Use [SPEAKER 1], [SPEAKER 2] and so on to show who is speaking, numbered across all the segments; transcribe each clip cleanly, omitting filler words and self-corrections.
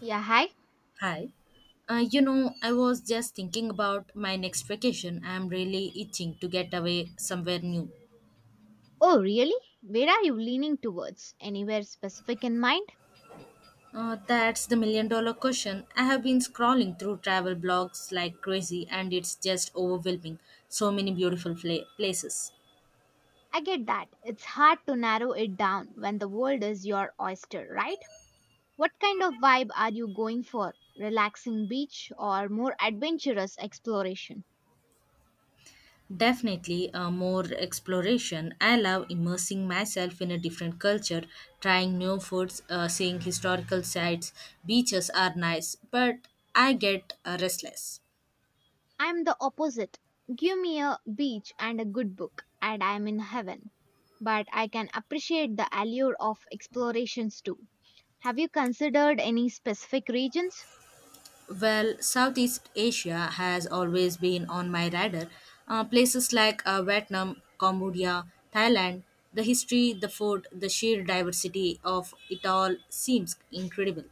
[SPEAKER 1] Yeah, hi.
[SPEAKER 2] Hi. I was just thinking about my next vacation. I'm really itching to get away somewhere new.
[SPEAKER 1] Oh, really? Where are you leaning towards? Anywhere specific in mind?
[SPEAKER 2] That's the million dollar question. I have been scrolling through travel blogs like crazy and it's just overwhelming. So many places.
[SPEAKER 1] I get that. It's hard to narrow it down when the world is your oyster, right? What kind of vibe are you going for? Relaxing beach or more adventurous exploration?
[SPEAKER 2] Definitely more exploration. I love immersing myself in a different culture, trying new foods, seeing historical sites. Beaches are nice, but I get restless.
[SPEAKER 1] I'm the opposite. Give me a beach and a good book, and I'm in heaven. But I can appreciate the allure of explorations too. Have you considered any specific regions?
[SPEAKER 2] Well, Southeast Asia has always been on my radar. Places like Vietnam, Cambodia, Thailand, the history, the food, the sheer diversity of it all seems incredible.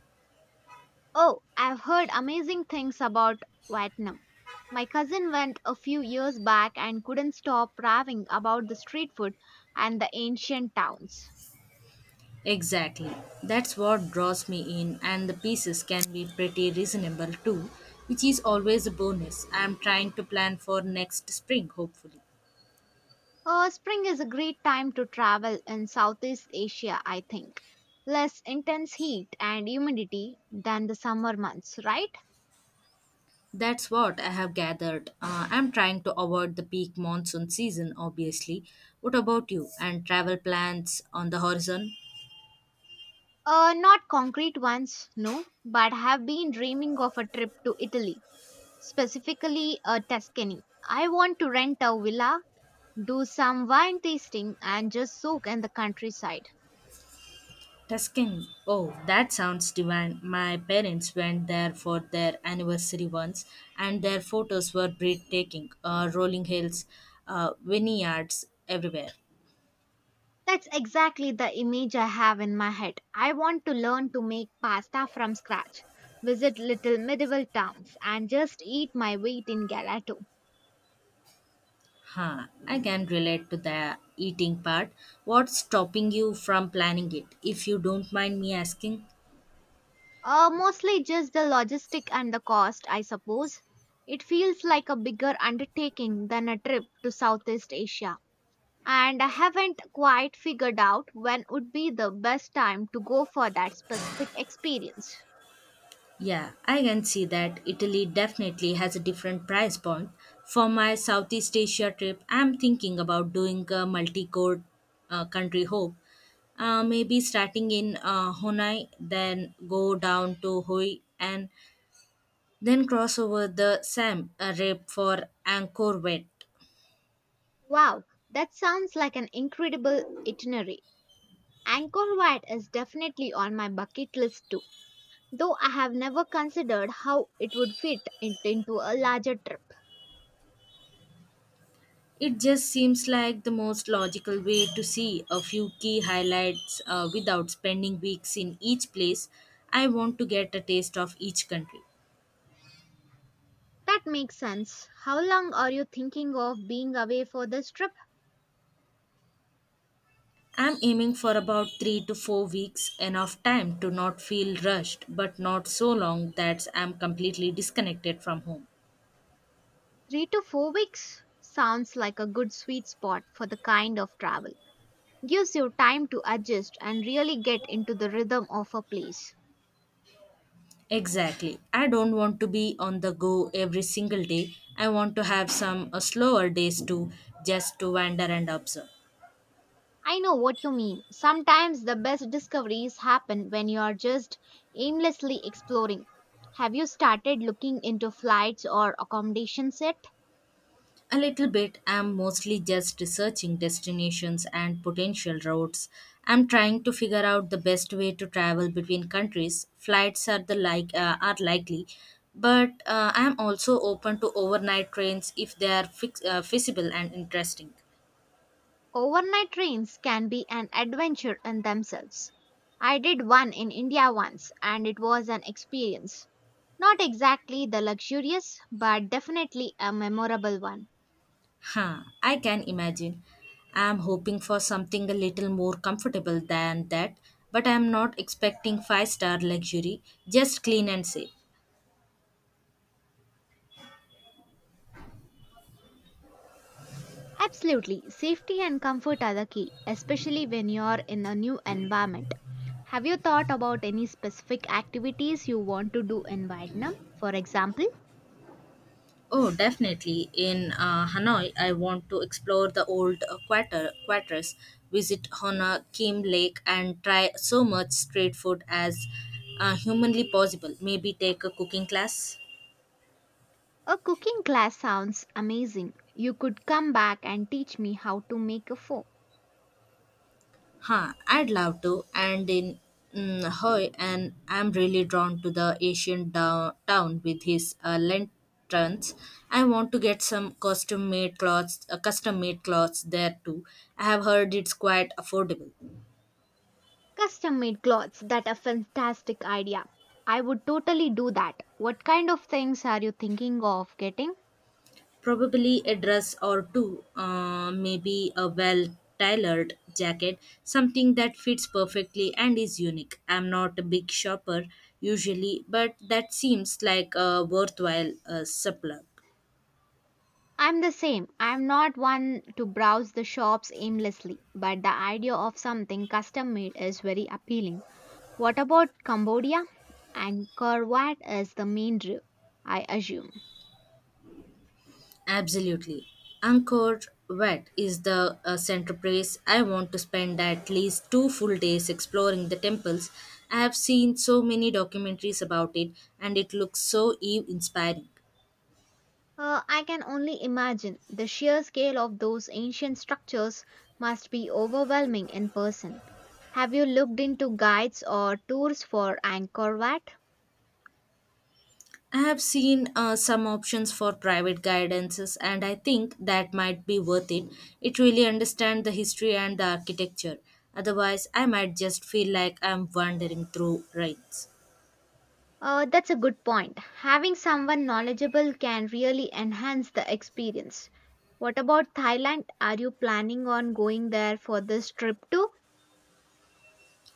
[SPEAKER 1] Oh, I've heard amazing things about Vietnam. My cousin went a few years back and couldn't stop raving about the street food and the ancient towns.
[SPEAKER 2] Exactly. That's what draws me in, and the pieces can be pretty reasonable too, which is always a bonus. I'm trying to plan for next spring, hopefully.
[SPEAKER 1] Spring is a great time to travel in Southeast Asia, I think. Less intense heat and humidity than the summer months, right?
[SPEAKER 2] That's what I have gathered. I'm trying to avoid the peak monsoon season, obviously. What about you? And travel plans on the horizon?
[SPEAKER 1] Not concrete ones, no, but have been dreaming of a trip to Italy, specifically Tuscany. I want to rent a villa do some wine tasting and just soak in the countryside.
[SPEAKER 2] Tuscany. Oh, that sounds divine. My parents went there for their anniversary once, and their photos were breathtaking. Rolling hills, vineyards everywhere.
[SPEAKER 1] That's exactly the image I have in my head. I want to learn to make pasta from scratch, visit little medieval towns, and just eat my weight in gelato.
[SPEAKER 2] I can relate to the eating part. What's stopping you from planning it, if you don't mind me asking?
[SPEAKER 1] Mostly just the logistic and the cost, I suppose. It feels like a bigger undertaking than a trip to Southeast Asia. And I haven't quite figured out when would be the best time to go for that specific experience.
[SPEAKER 2] Yeah, I can see that Italy definitely has a different price point. For my Southeast Asia trip, I'm thinking about doing a multi-core country hop. Maybe starting in Honai, then go down to Hoi, and then cross over the Sam Reap for Angkor Wat.
[SPEAKER 1] Wow, that sounds like an incredible itinerary. Angkor Wat is definitely on my bucket list too, though I have never considered how it would fit it into a larger trip.
[SPEAKER 2] It just seems like the most logical way to see a few key highlights without spending weeks in each place. I want to get a taste of each country.
[SPEAKER 1] That makes sense. How long are you thinking of being away for this trip?
[SPEAKER 2] I'm aiming for about 3 to 4 weeks, enough time to not feel rushed, but not so long that I'm completely disconnected from home.
[SPEAKER 1] 3 to 4 weeks sounds like a good sweet spot for the kind of travel. Gives you time to adjust and really get into the rhythm of a place.
[SPEAKER 2] Exactly. I don't want to be on the go every single day. I want to have some slower days to just to wander and observe.
[SPEAKER 1] I know what you mean. Sometimes the best discoveries happen when you are just aimlessly exploring. Have you started looking into flights or accommodation set?
[SPEAKER 2] A little bit. I'm mostly just researching destinations and potential routes. I'm trying to figure out the best way to travel between countries. Flights are the like are likely, but I'm also open to overnight trains if they are feasible and interesting.
[SPEAKER 1] Overnight trains can be an adventure in themselves. I did one in India once and it was an experience. Not exactly the luxurious, but definitely a memorable one.
[SPEAKER 2] I can imagine. I'm hoping for something a little more comfortable than that, but I'm not expecting five-star luxury, just clean and safe.
[SPEAKER 1] Absolutely. Safety and comfort are the key, especially when you're in a new environment. Have you thought about any specific activities you want to do in Vietnam? For example,
[SPEAKER 2] Oh, definitely. In Hanoi, I want to explore the old quarters, visit Hona Kim Lake, and try so much street food as humanly possible. Maybe take a cooking class.
[SPEAKER 1] a cooking class sounds amazing. You could come back and teach me how to make a pho.
[SPEAKER 2] I'd love to. And in Hoi, and I'm really drawn to the town with his lanterns. I want to get some custom made clothes there too. I have heard it's quite affordable.
[SPEAKER 1] Custom made clothes, that a fantastic idea. I would totally do that. What kind of things are you thinking of getting?
[SPEAKER 2] Probably a dress or two, maybe a well tailored jacket, something that fits perfectly and is unique. I'm not a big shopper usually, but that seems like a worthwhile supplement.
[SPEAKER 1] I'm the same. I'm not one to browse the shops aimlessly, but the idea of something custom made is very appealing. What about Cambodia? Angkor Wat is the main draw, I assume.
[SPEAKER 2] Absolutely. Angkor Wat is the central place. I want to spend at least 2 full days exploring the temples. I have seen so many documentaries about it and it looks so awe inspiring.
[SPEAKER 1] I can only imagine the sheer scale of those ancient structures must be overwhelming in person. Have you looked into guides or tours for Angkor Wat?
[SPEAKER 2] I have seen some options for private guidances, and I think that might be worth it. It really understands the history and the architecture. Otherwise, I might just feel like I'm wandering through rites.
[SPEAKER 1] That's a good point. Having someone knowledgeable can really enhance the experience. What about Thailand? Are you planning on going there for this trip too?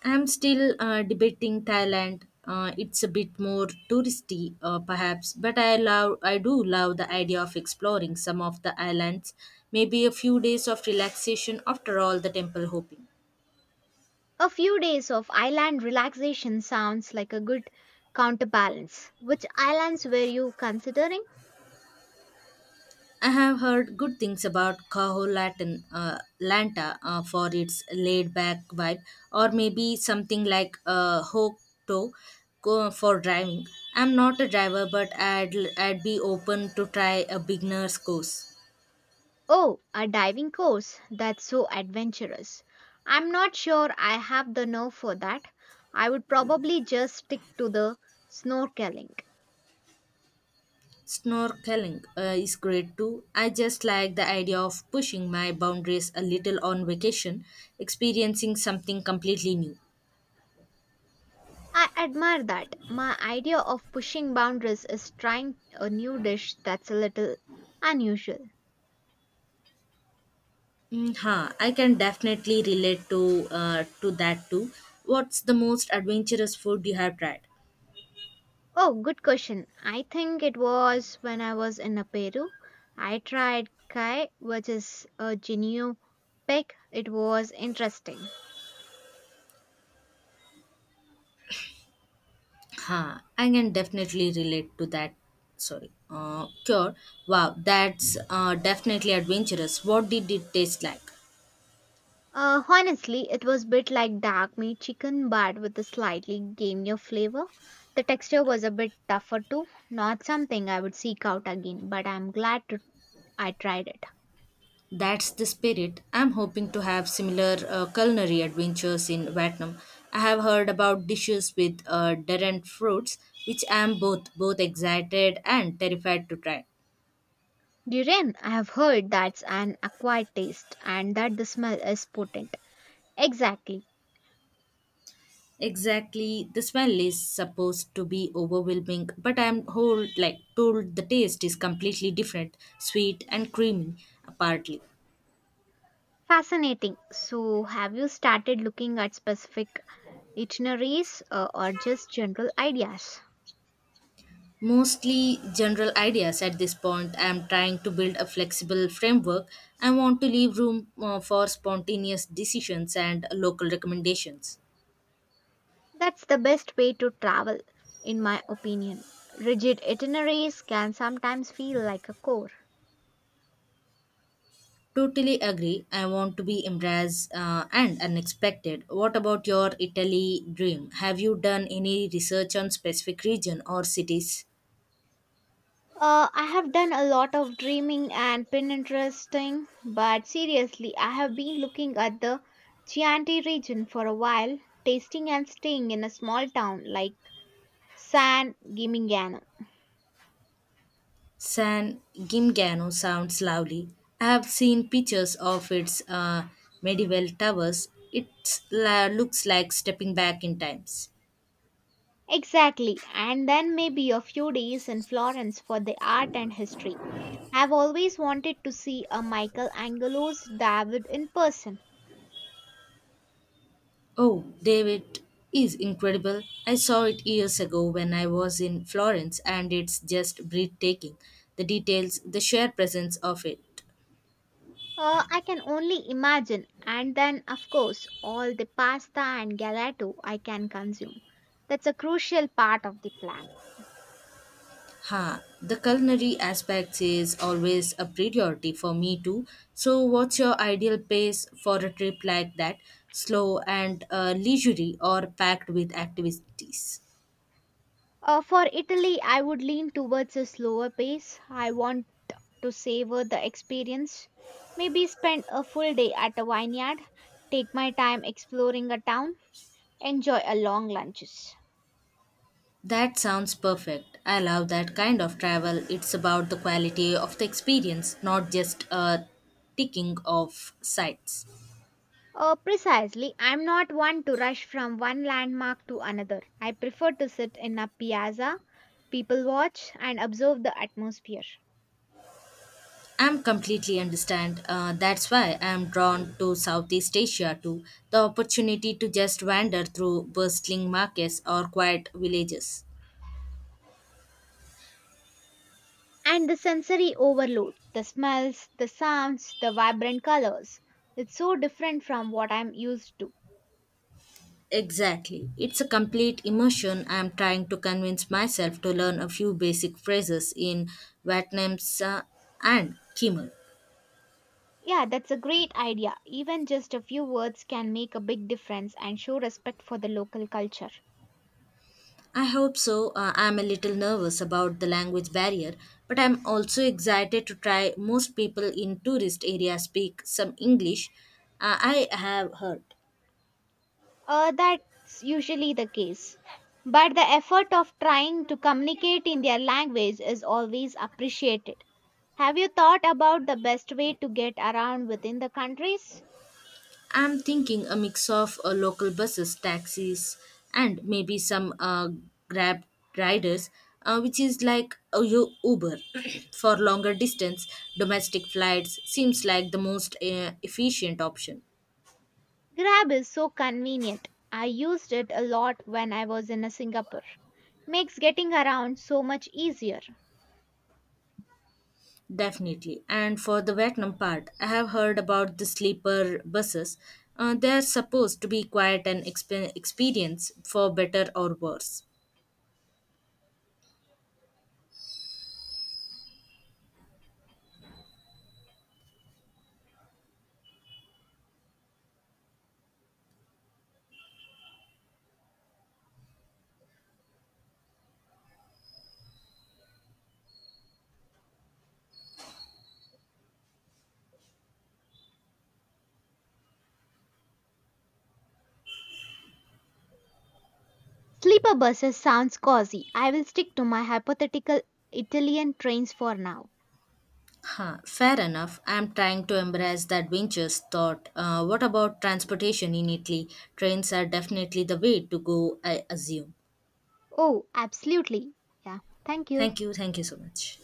[SPEAKER 2] I'm still debating Thailand. It's a bit more touristy, perhaps, but I do love the idea of exploring some of the islands. Maybe a few days of relaxation after all the temple hopping.
[SPEAKER 1] A few days of island relaxation sounds like a good counterbalance. Which islands were you considering?
[SPEAKER 2] I have heard good things about Lanta for its laid back vibe, or maybe something like Hokuto for driving. I'm not a driver, but I'd be open to try a beginner's course.
[SPEAKER 1] Oh, a diving course. That's so adventurous. I'm not sure I have the nerve for that. I would probably just stick to the snorkeling.
[SPEAKER 2] Snorkeling is great too. I just like the idea of pushing my boundaries a little on vacation, experiencing something completely new.
[SPEAKER 1] I admire that. My idea of pushing boundaries is trying a new dish that's a little unusual.
[SPEAKER 2] I can definitely relate to that too. What's the most adventurous food you have tried?
[SPEAKER 1] Oh, good question. I think it was when I was in a Peru. I tried kai, which is a Ginyu pig. It was interesting.
[SPEAKER 2] I can definitely relate to that. Sorry. Cure. Wow, that's definitely adventurous. What did it taste like?
[SPEAKER 1] Honestly, it was a bit like dark meat chicken but with a slightly gamier flavor. The texture was a bit tougher too. Not something I would seek out again, but I'm glad to, I tried it.
[SPEAKER 2] That's the spirit. I'm hoping to have similar culinary adventures in Vietnam. I have heard about dishes with different fruits, which I am both excited and terrified to try.
[SPEAKER 1] Durian, I have heard that's an acquired taste and that the smell is potent. Exactly.
[SPEAKER 2] Exactly, the smell is supposed to be overwhelming, but I'm whole like told the taste is completely different, sweet and creamy, partly.
[SPEAKER 1] Fascinating. So, have you started looking at specific itineraries or just general ideas?
[SPEAKER 2] Mostly general ideas at this point. I'm trying to build a flexible framework. I want to leave room for spontaneous decisions and local recommendations.
[SPEAKER 1] That's the best way to travel, in my opinion. Rigid itineraries can sometimes feel like a chore.
[SPEAKER 2] Totally agree. I want to be embarrassed and unexpected. What about your Italy dream? Have you done any research on specific region or cities?
[SPEAKER 1] I have done a lot of dreaming and Pinteresting, but seriously, I have been looking at the Chianti region for a while, tasting and staying in a small town like San Gimignano.
[SPEAKER 2] San Gimignano sounds lovely. I have seen pictures of its medieval towers. It looks like stepping back in times.
[SPEAKER 1] Exactly, and then maybe a few days in Florence for the art and history. I've always wanted to see a Michelangelo's David in person.
[SPEAKER 2] Oh, David is incredible. I saw it years ago when I was in Florence, and it's just breathtaking. The details, the sheer presence of it.
[SPEAKER 1] I can only imagine, and then, of course, all the pasta and gelato I can consume. That's a crucial part of the plan.
[SPEAKER 2] Ha, the culinary aspects is always a priority for me too. So, what's your ideal pace for a trip like that? Slow and leisurely or packed with activities?
[SPEAKER 1] For Italy, I would lean towards a slower pace. I want to savor the experience. Maybe spend a full day at a vineyard, take my time exploring a town, enjoy a long lunches.
[SPEAKER 2] That sounds perfect. I love that kind of travel. It's about the quality of the experience, not just a ticking of sites.
[SPEAKER 1] Precisely. I'm not one to rush from one landmark to another. I prefer to sit in a piazza, people watch, and observe the atmosphere.
[SPEAKER 2] I'm completely understand. That's why I'm drawn to Southeast Asia too. The opportunity to just wander through bustling markets or quiet villages.
[SPEAKER 1] And the sensory overload the smells, the sounds, the vibrant colors. It's so different from what I'm used to.
[SPEAKER 2] Exactly. It's a complete immersion. I'm trying to convince myself to learn a few basic phrases in Vietnamese and Khmer.
[SPEAKER 1] Yeah, that's a great idea. Even just a few words can make a big difference and show respect for the local culture.
[SPEAKER 2] I hope so. I'm a little nervous about the language barrier, but I'm also excited to try. Most people in tourist areas speak some English. I have heard.
[SPEAKER 1] That's usually the case. But the effort of trying to communicate in their language is always appreciated. Have you thought about the best way to get around within the countries?
[SPEAKER 2] I'm thinking a mix of local buses, taxis, and maybe some Grab riders, which is like a Uber for longer distance. Domestic flights seems like the most efficient option.
[SPEAKER 1] Grab is so convenient. I used it a lot when I was in Singapore. Makes getting around so much easier.
[SPEAKER 2] Definitely. And for the Vietnam part, I have heard about the sleeper buses. They are supposed to be quiet and experience for better or worse.
[SPEAKER 1] Sleeper buses sounds cozy. I will stick to my hypothetical Italian trains for now.
[SPEAKER 2] Fair enough. I'm trying to embrace the adventurous thought. What about transportation in Italy? Trains are definitely the way to go, I assume.
[SPEAKER 1] Oh, absolutely. Yeah, thank you.
[SPEAKER 2] Thank you. Thank you so much.